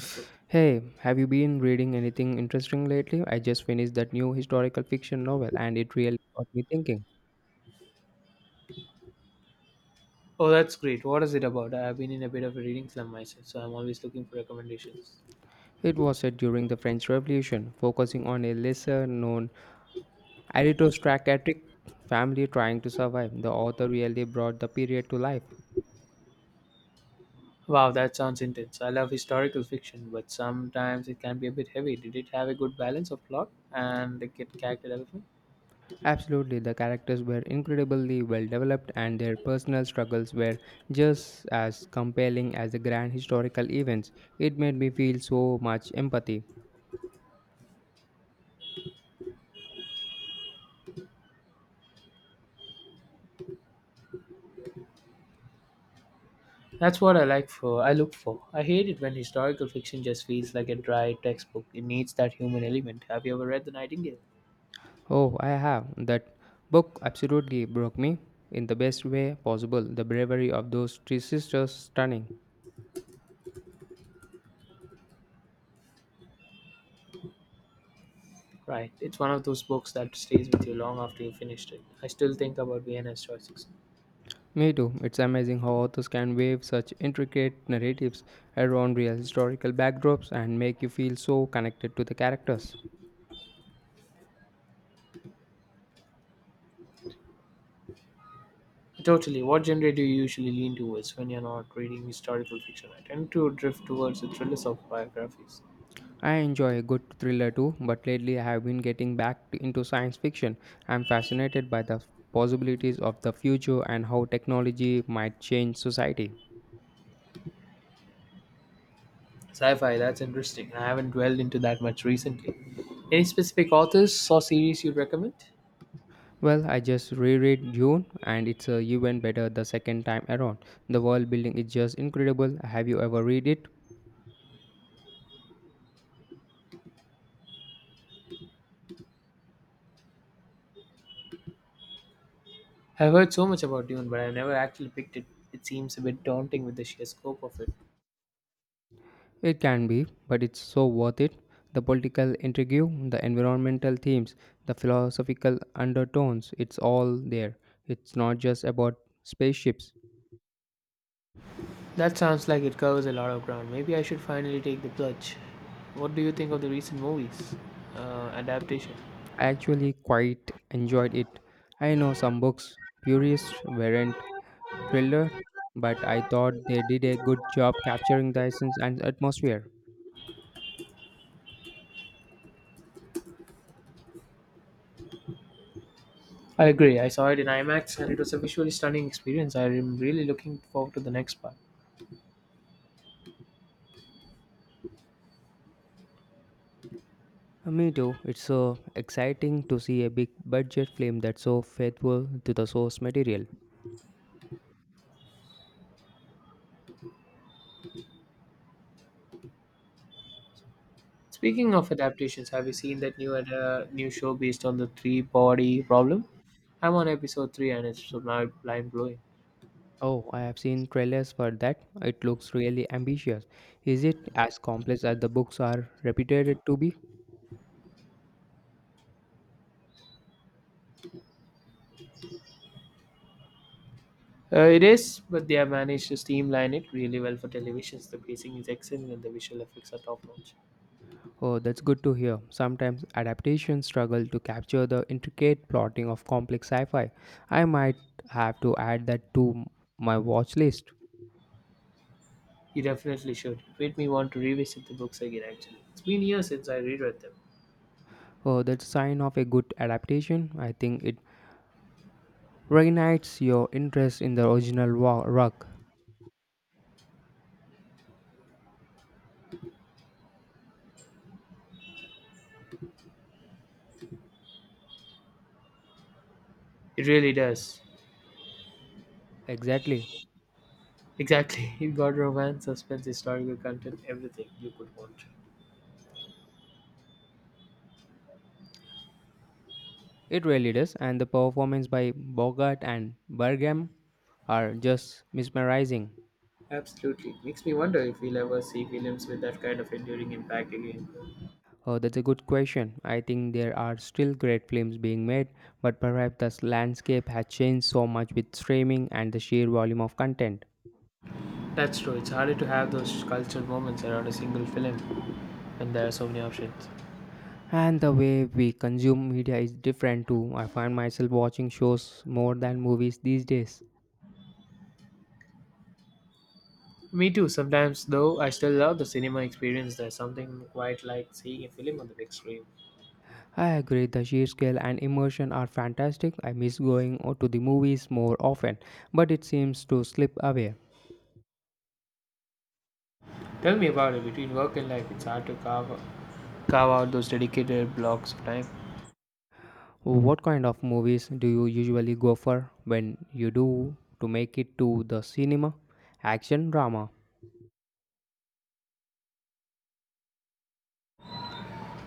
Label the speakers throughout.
Speaker 1: It's good.
Speaker 2: Hey, have you been reading anything interesting lately? I just finished that new historical fiction novel and it really got me thinking.
Speaker 1: Oh, that's great. What is it about? I have been in a bit of a reading slump myself, so I'm always looking for recommendations.
Speaker 2: It was set during the French Revolution, focusing on a lesser known aristocratic family trying to survive. The author really brought the period to life.
Speaker 1: Wow, that sounds intense. I love historical fiction, but sometimes it can be a bit heavy. Did it have a good balance of plot and the kid character development?
Speaker 2: Absolutely, the characters were incredibly well developed and their personal struggles were just as compelling as the grand historical events. It made me feel so much empathy.
Speaker 1: That's what I like for. I look for. I hate it when historical fiction just feels like a dry textbook. It needs that human element. Have you ever read The Nightingale?
Speaker 2: Oh, I have. That book absolutely broke me in the best way possible. The bravery of those three sisters stunning.
Speaker 1: Right. It's one of those books that stays with you long after you finished it. I still think about Vienna's choices.
Speaker 2: Me too. It's amazing how authors can weave such intricate narratives around real historical backdrops and make you feel so connected to the characters.
Speaker 1: Totally. What genre do you usually lean towards when you're not reading historical fiction? I tend to drift towards the thrillers of biographies.
Speaker 2: I enjoy a good thriller too, but lately I have been getting back into science fiction. I'm fascinated by the possibilities of the future and how technology might change society.
Speaker 1: Sci-fi, that's interesting. I haven't dwelled into that much recently. Any specific authors or series you'd recommend?
Speaker 2: Well, I just reread Dune and it's even better the second time around. The world building is just incredible. Have you ever read it?
Speaker 1: I've heard so much about Dune, but I've never actually picked it. It seems a bit daunting with the sheer scope of it.
Speaker 2: It can be, but it's so worth it. The political intrigue, the environmental themes, the philosophical undertones, it's all there. It's not just about spaceships.
Speaker 1: That sounds like it covers a lot of ground. Maybe I should finally take the plunge. What do you think of the recent movies? Adaptation.
Speaker 2: I actually quite enjoyed it. I know some books purists weren't, thriller, but I thought they did a good job capturing the essence and atmosphere.
Speaker 1: I agree. I saw it in IMAX and it was a visually stunning experience. I am really looking forward to the next part.
Speaker 2: Me too. It's so exciting to see a big budget film that's so faithful to the source material.
Speaker 1: Speaking of adaptations, have you seen that new new show based on the three body problem? I'm on episode 3 and it's so mind blowing.
Speaker 2: Oh, I have seen trailers for that. It looks really ambitious. Is it as complex as the books are reputed to be?
Speaker 1: It is, but they have managed to streamline it really well for television. The pacing is excellent and the visual effects are top notch.
Speaker 2: Oh, that's good to hear. Sometimes adaptations struggle to capture the intricate plotting of complex sci fi. I might have to add that to my watch list.
Speaker 1: You definitely should. It made me want to revisit the books again, actually. It's been years since I reread them.
Speaker 2: Oh, that's a sign of a good adaptation. I think it reignites your interest in the original work.
Speaker 1: It really does.
Speaker 2: Exactly.
Speaker 1: Exactly. It got romance, suspense, historical content, everything you could want.
Speaker 2: It really does, and the performance by Bogart and Bergam are just mesmerizing.
Speaker 1: Absolutely. Makes me wonder if we'll ever see films with that kind of enduring impact again.
Speaker 2: Oh, that's a good question. I think there are still great films being made, but perhaps the landscape has changed so much with streaming and the sheer volume of content.
Speaker 1: That's true. It's harder to have those cultural moments around a single film when there are so many options.
Speaker 2: And the way we consume media is different too. I find myself watching shows more than movies these days.
Speaker 1: Me too. Sometimes, though, I still love the cinema experience. There's something quite like seeing a film on the big screen.
Speaker 2: I agree, the sheer scale and immersion are fantastic. I miss going to the movies more often, but it seems to slip away.
Speaker 1: Tell me about it. Between work and life, it's hard to carve out those dedicated blocks of time.
Speaker 2: What kind of movies do you usually go for when you do to make it to the cinema? Action drama.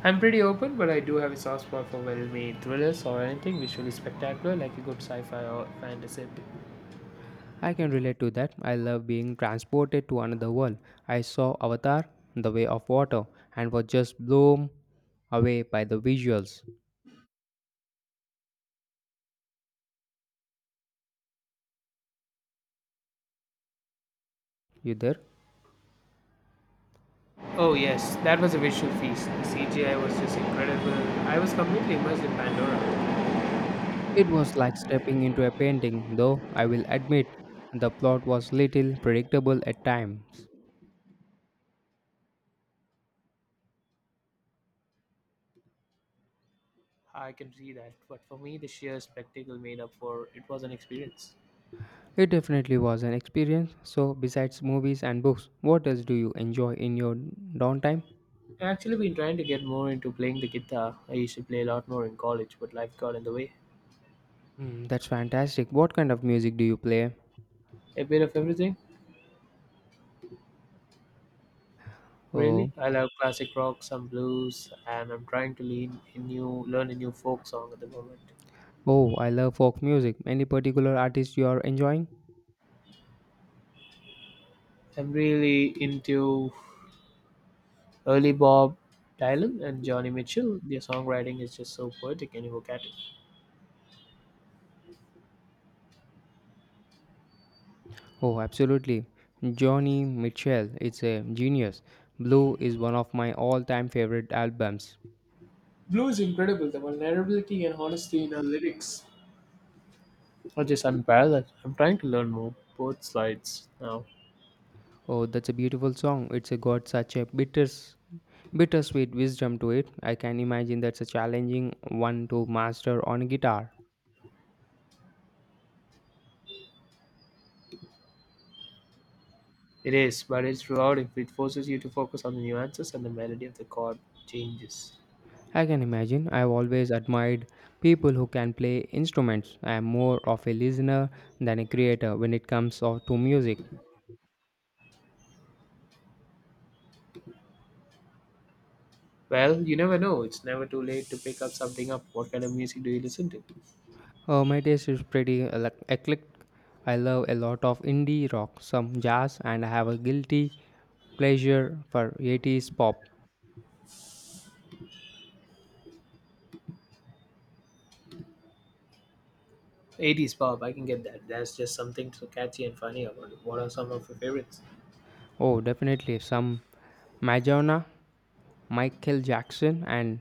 Speaker 1: I'm pretty open, but I do have a soft spot for well-made thrillers or anything visually spectacular, like a good sci-fi or fantasy epic.
Speaker 2: I can relate to that. I love being transported to another world. I saw Avatar, The Way of Water, and was just blown away by the visuals. You there?
Speaker 1: Oh yes, that was a visual feast. The CGI was just incredible. I was completely immersed in Pandora.
Speaker 2: It was like stepping into a painting, though I will admit the plot was little predictable at times.
Speaker 1: I can see that, but for me, the sheer spectacle made up for it was an experience.
Speaker 2: It definitely was an experience. So, besides movies and books, what else do you enjoy in your downtime?
Speaker 1: I've actually been trying to get more into playing the guitar. I used to play a lot more in college, but life got in the way.
Speaker 2: Hmm, that's fantastic. What kind of music do you play?
Speaker 1: A bit of everything,
Speaker 2: Oh,
Speaker 1: really. I love classic rock, some blues, and I'm trying to learn a new folk song at the moment.
Speaker 2: oh, I love folk music. Any particular artist you are enjoying?
Speaker 1: I'm really into early Bob Dylan and Johnny Mitchell. Their songwriting is just so poetic and evocative.
Speaker 2: Oh, absolutely. Johnny Mitchell, it's a genius. Blue is one of my all-time favorite albums.
Speaker 1: Blue is incredible, the vulnerability and honesty in her lyrics or just unparalleled. I'm trying to learn more both sides now.
Speaker 2: Oh, that's a beautiful song. It's a got such a bittersweet wisdom to it. I can imagine that's a challenging one to master on guitar.
Speaker 1: It is, but it's rewarding. It forces you to focus on the nuances and the melody of the chord changes.
Speaker 2: I can imagine. I've always admired people who can play instruments. I am more of a listener than a creator when it comes to music.
Speaker 1: Well, you never know. It's never too late to pick up something up. What kind of music do you listen to?
Speaker 2: My taste is pretty eclectic. I love a lot of indie rock, some jazz, and I have a guilty pleasure for 80s pop.
Speaker 1: 80s pop, I can get that. There's just something so catchy and funny about it. What are some of your favorites?
Speaker 2: Oh, definitely some Madonna, Michael Jackson, and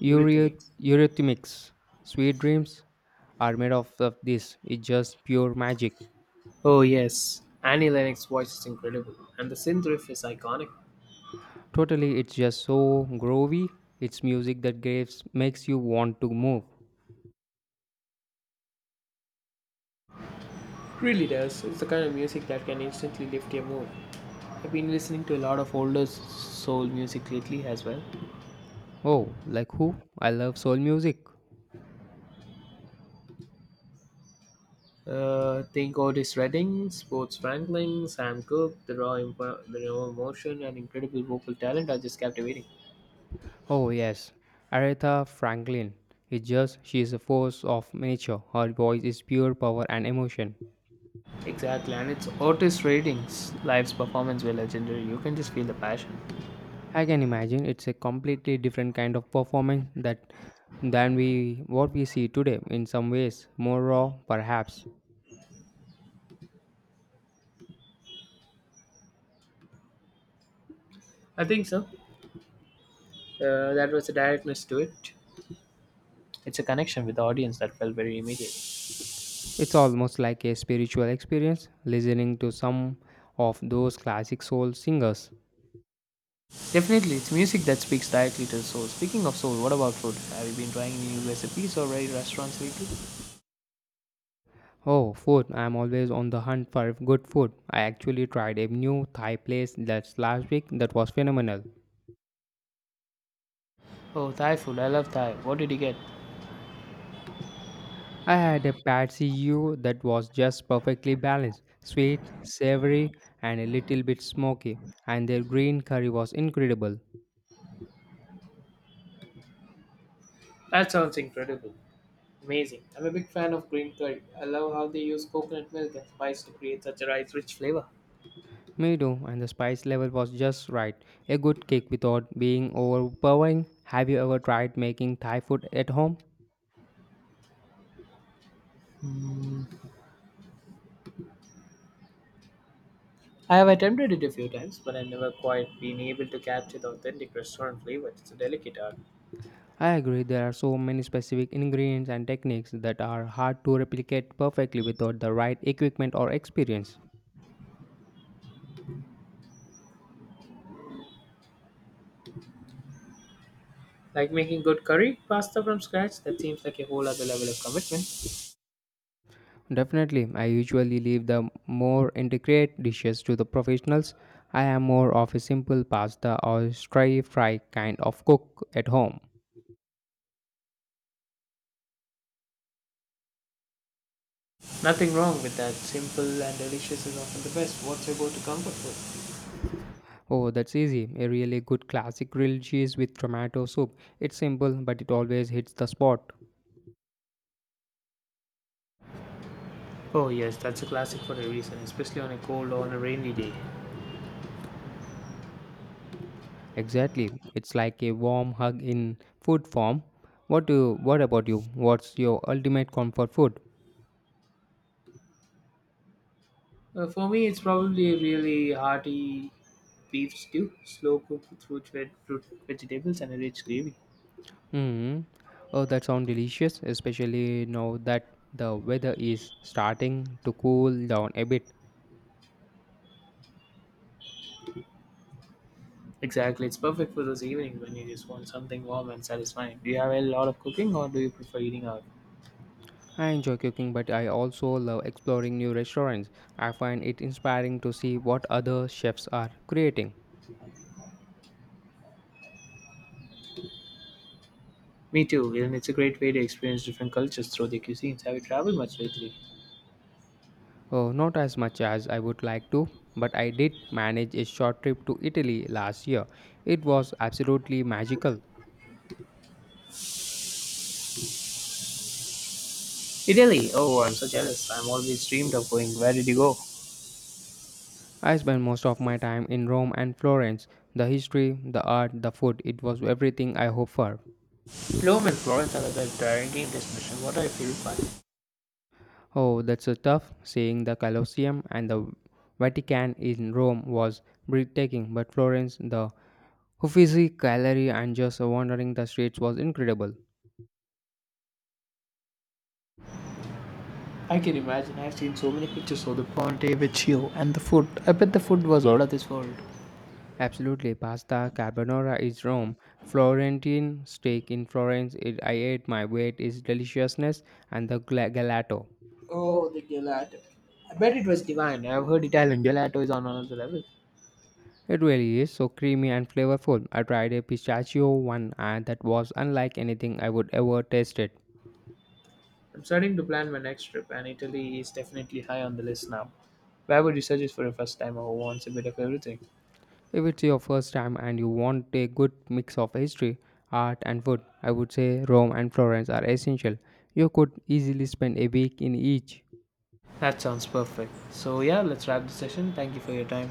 Speaker 1: Eurythmics.
Speaker 2: Eurythmics. Sweet Dreams are made of this. It's just pure magic.
Speaker 1: Oh yes, Annie Lennox's voice is incredible, and the synth riff is iconic.
Speaker 2: Totally, it's just so groovy. It's music that gives makes you want to move.
Speaker 1: It really does. It's the kind of music that can instantly lift your mood. I've been listening to a lot of soul music lately as well.
Speaker 2: Oh, like who? I love soul music.
Speaker 1: Think Otis Redding, Sports Franklin, Sam Cooke, the the raw emotion and incredible vocal talent are just captivating.
Speaker 2: Oh yes, Aretha Franklin. It's just she is a force of nature. Her voice is pure power and emotion.
Speaker 1: Exactly, and it's Otis Redding's live performance were legendary. You can just feel the passion.
Speaker 2: I can imagine it's a completely different kind of performance that than we what we see today in some ways, more raw perhaps.
Speaker 1: I think so. That was the directness to it, it's a connection with the audience that felt very immediate.
Speaker 2: It's almost like a spiritual experience listening to some of those classic soul singers.
Speaker 1: Definitely, it's music that speaks directly to the soul. Speaking of soul, what about food? Have you been trying any new recipes or any restaurants lately?
Speaker 2: Oh, food. I'm always on the hunt for good food. I actually tried a new Thai place that's last week that was phenomenal.
Speaker 1: Oh, Thai food. I love Thai. What did you get?
Speaker 2: I had a pad see ew that was just perfectly balanced, sweet, savory, and a little bit smoky, and their green curry was incredible.
Speaker 1: That sounds incredible. Amazing. I'm a big fan of green curry. I love how they use coconut milk and spice to create such a rice rich flavor.
Speaker 2: Me too, and the spice level was just right. A good cake without being overpowering. Have you ever tried making Thai food at home?
Speaker 1: Mm. I have attempted it a few times, but I've never quite been able to capture the authentic restaurant flavor. It's a delicate art.
Speaker 2: I agree, there are so many specific ingredients and techniques that are hard to replicate perfectly without the right equipment or experience.
Speaker 1: Like making good curry pasta from scratch, that seems like a whole other level of commitment.
Speaker 2: Definitely, I usually leave the more intricate dishes to the professionals. I am more of a simple pasta or stir fry kind of cook at home.
Speaker 1: Nothing wrong with that. Simple and delicious is often the best. What's your go to comfort food?
Speaker 2: Oh, that's easy. A really good classic grilled cheese with tomato soup. It's simple, but it always hits the spot.
Speaker 1: Oh, yes, that's a classic for a reason, especially on a cold or on a rainy day.
Speaker 2: Exactly. It's like a warm hug in food form. What about you? What's your ultimate comfort food?
Speaker 1: For me, it's probably a really hearty beef stew, slow cooked with fruit, vegetables, and a rich gravy.
Speaker 2: Hmm. Oh, that sounds delicious, especially now that the weather is starting to cool down a bit.
Speaker 1: Exactly, it's perfect for those evenings when you just want something warm and satisfying. Do you have a lot of cooking or do you prefer eating out?
Speaker 2: I enjoy cooking, but I also love exploring new restaurants. I find it inspiring to see what other chefs are creating.
Speaker 1: Me too, and it's a great way to experience different cultures through their cuisines. Have you traveled much lately?
Speaker 2: Oh, not as much as I would like to, but I did manage a short trip to Italy last year. It was absolutely magical.
Speaker 1: Italy! Oh, I'm so jealous. I'm always dreamed of going. Where did you go?
Speaker 2: I spent most of my time in Rome and Florence. The history, the art, the food, it was everything I hoped for.
Speaker 1: Bloom and Florence and I the directing this mission. What a feel fun.
Speaker 2: Oh, that's a tough. Seeing the Colosseum and the Vatican in Rome was breathtaking, but Florence, the Uffizi Gallery, and just wandering the streets was incredible.
Speaker 1: I can imagine. I've seen so many pictures of the Ponte Vecchio and the food. I bet the food was out of this world.
Speaker 2: Absolutely, pasta carbonara is Rome. Florentine steak in Florence, it, I ate my weight is deliciousness and the gelato.
Speaker 1: Oh, the gelato. I bet it was divine. I've heard Italian gelato is on another level.
Speaker 2: It really is so creamy and flavorful. I tried a pistachio one and that was unlike anything I would ever tasted.
Speaker 1: I'm starting to plan my next trip, and Italy is definitely high on the list now. Where would you suggest for a first timer who wants a bit of everything?
Speaker 2: If it's your first time and you want a good mix of history, art, and food, I would say Rome and Florence are essential. You could easily spend a week in each.
Speaker 1: That sounds perfect. So, yeah, let's wrap the session. Thank you for your time.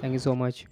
Speaker 2: Thank you so much.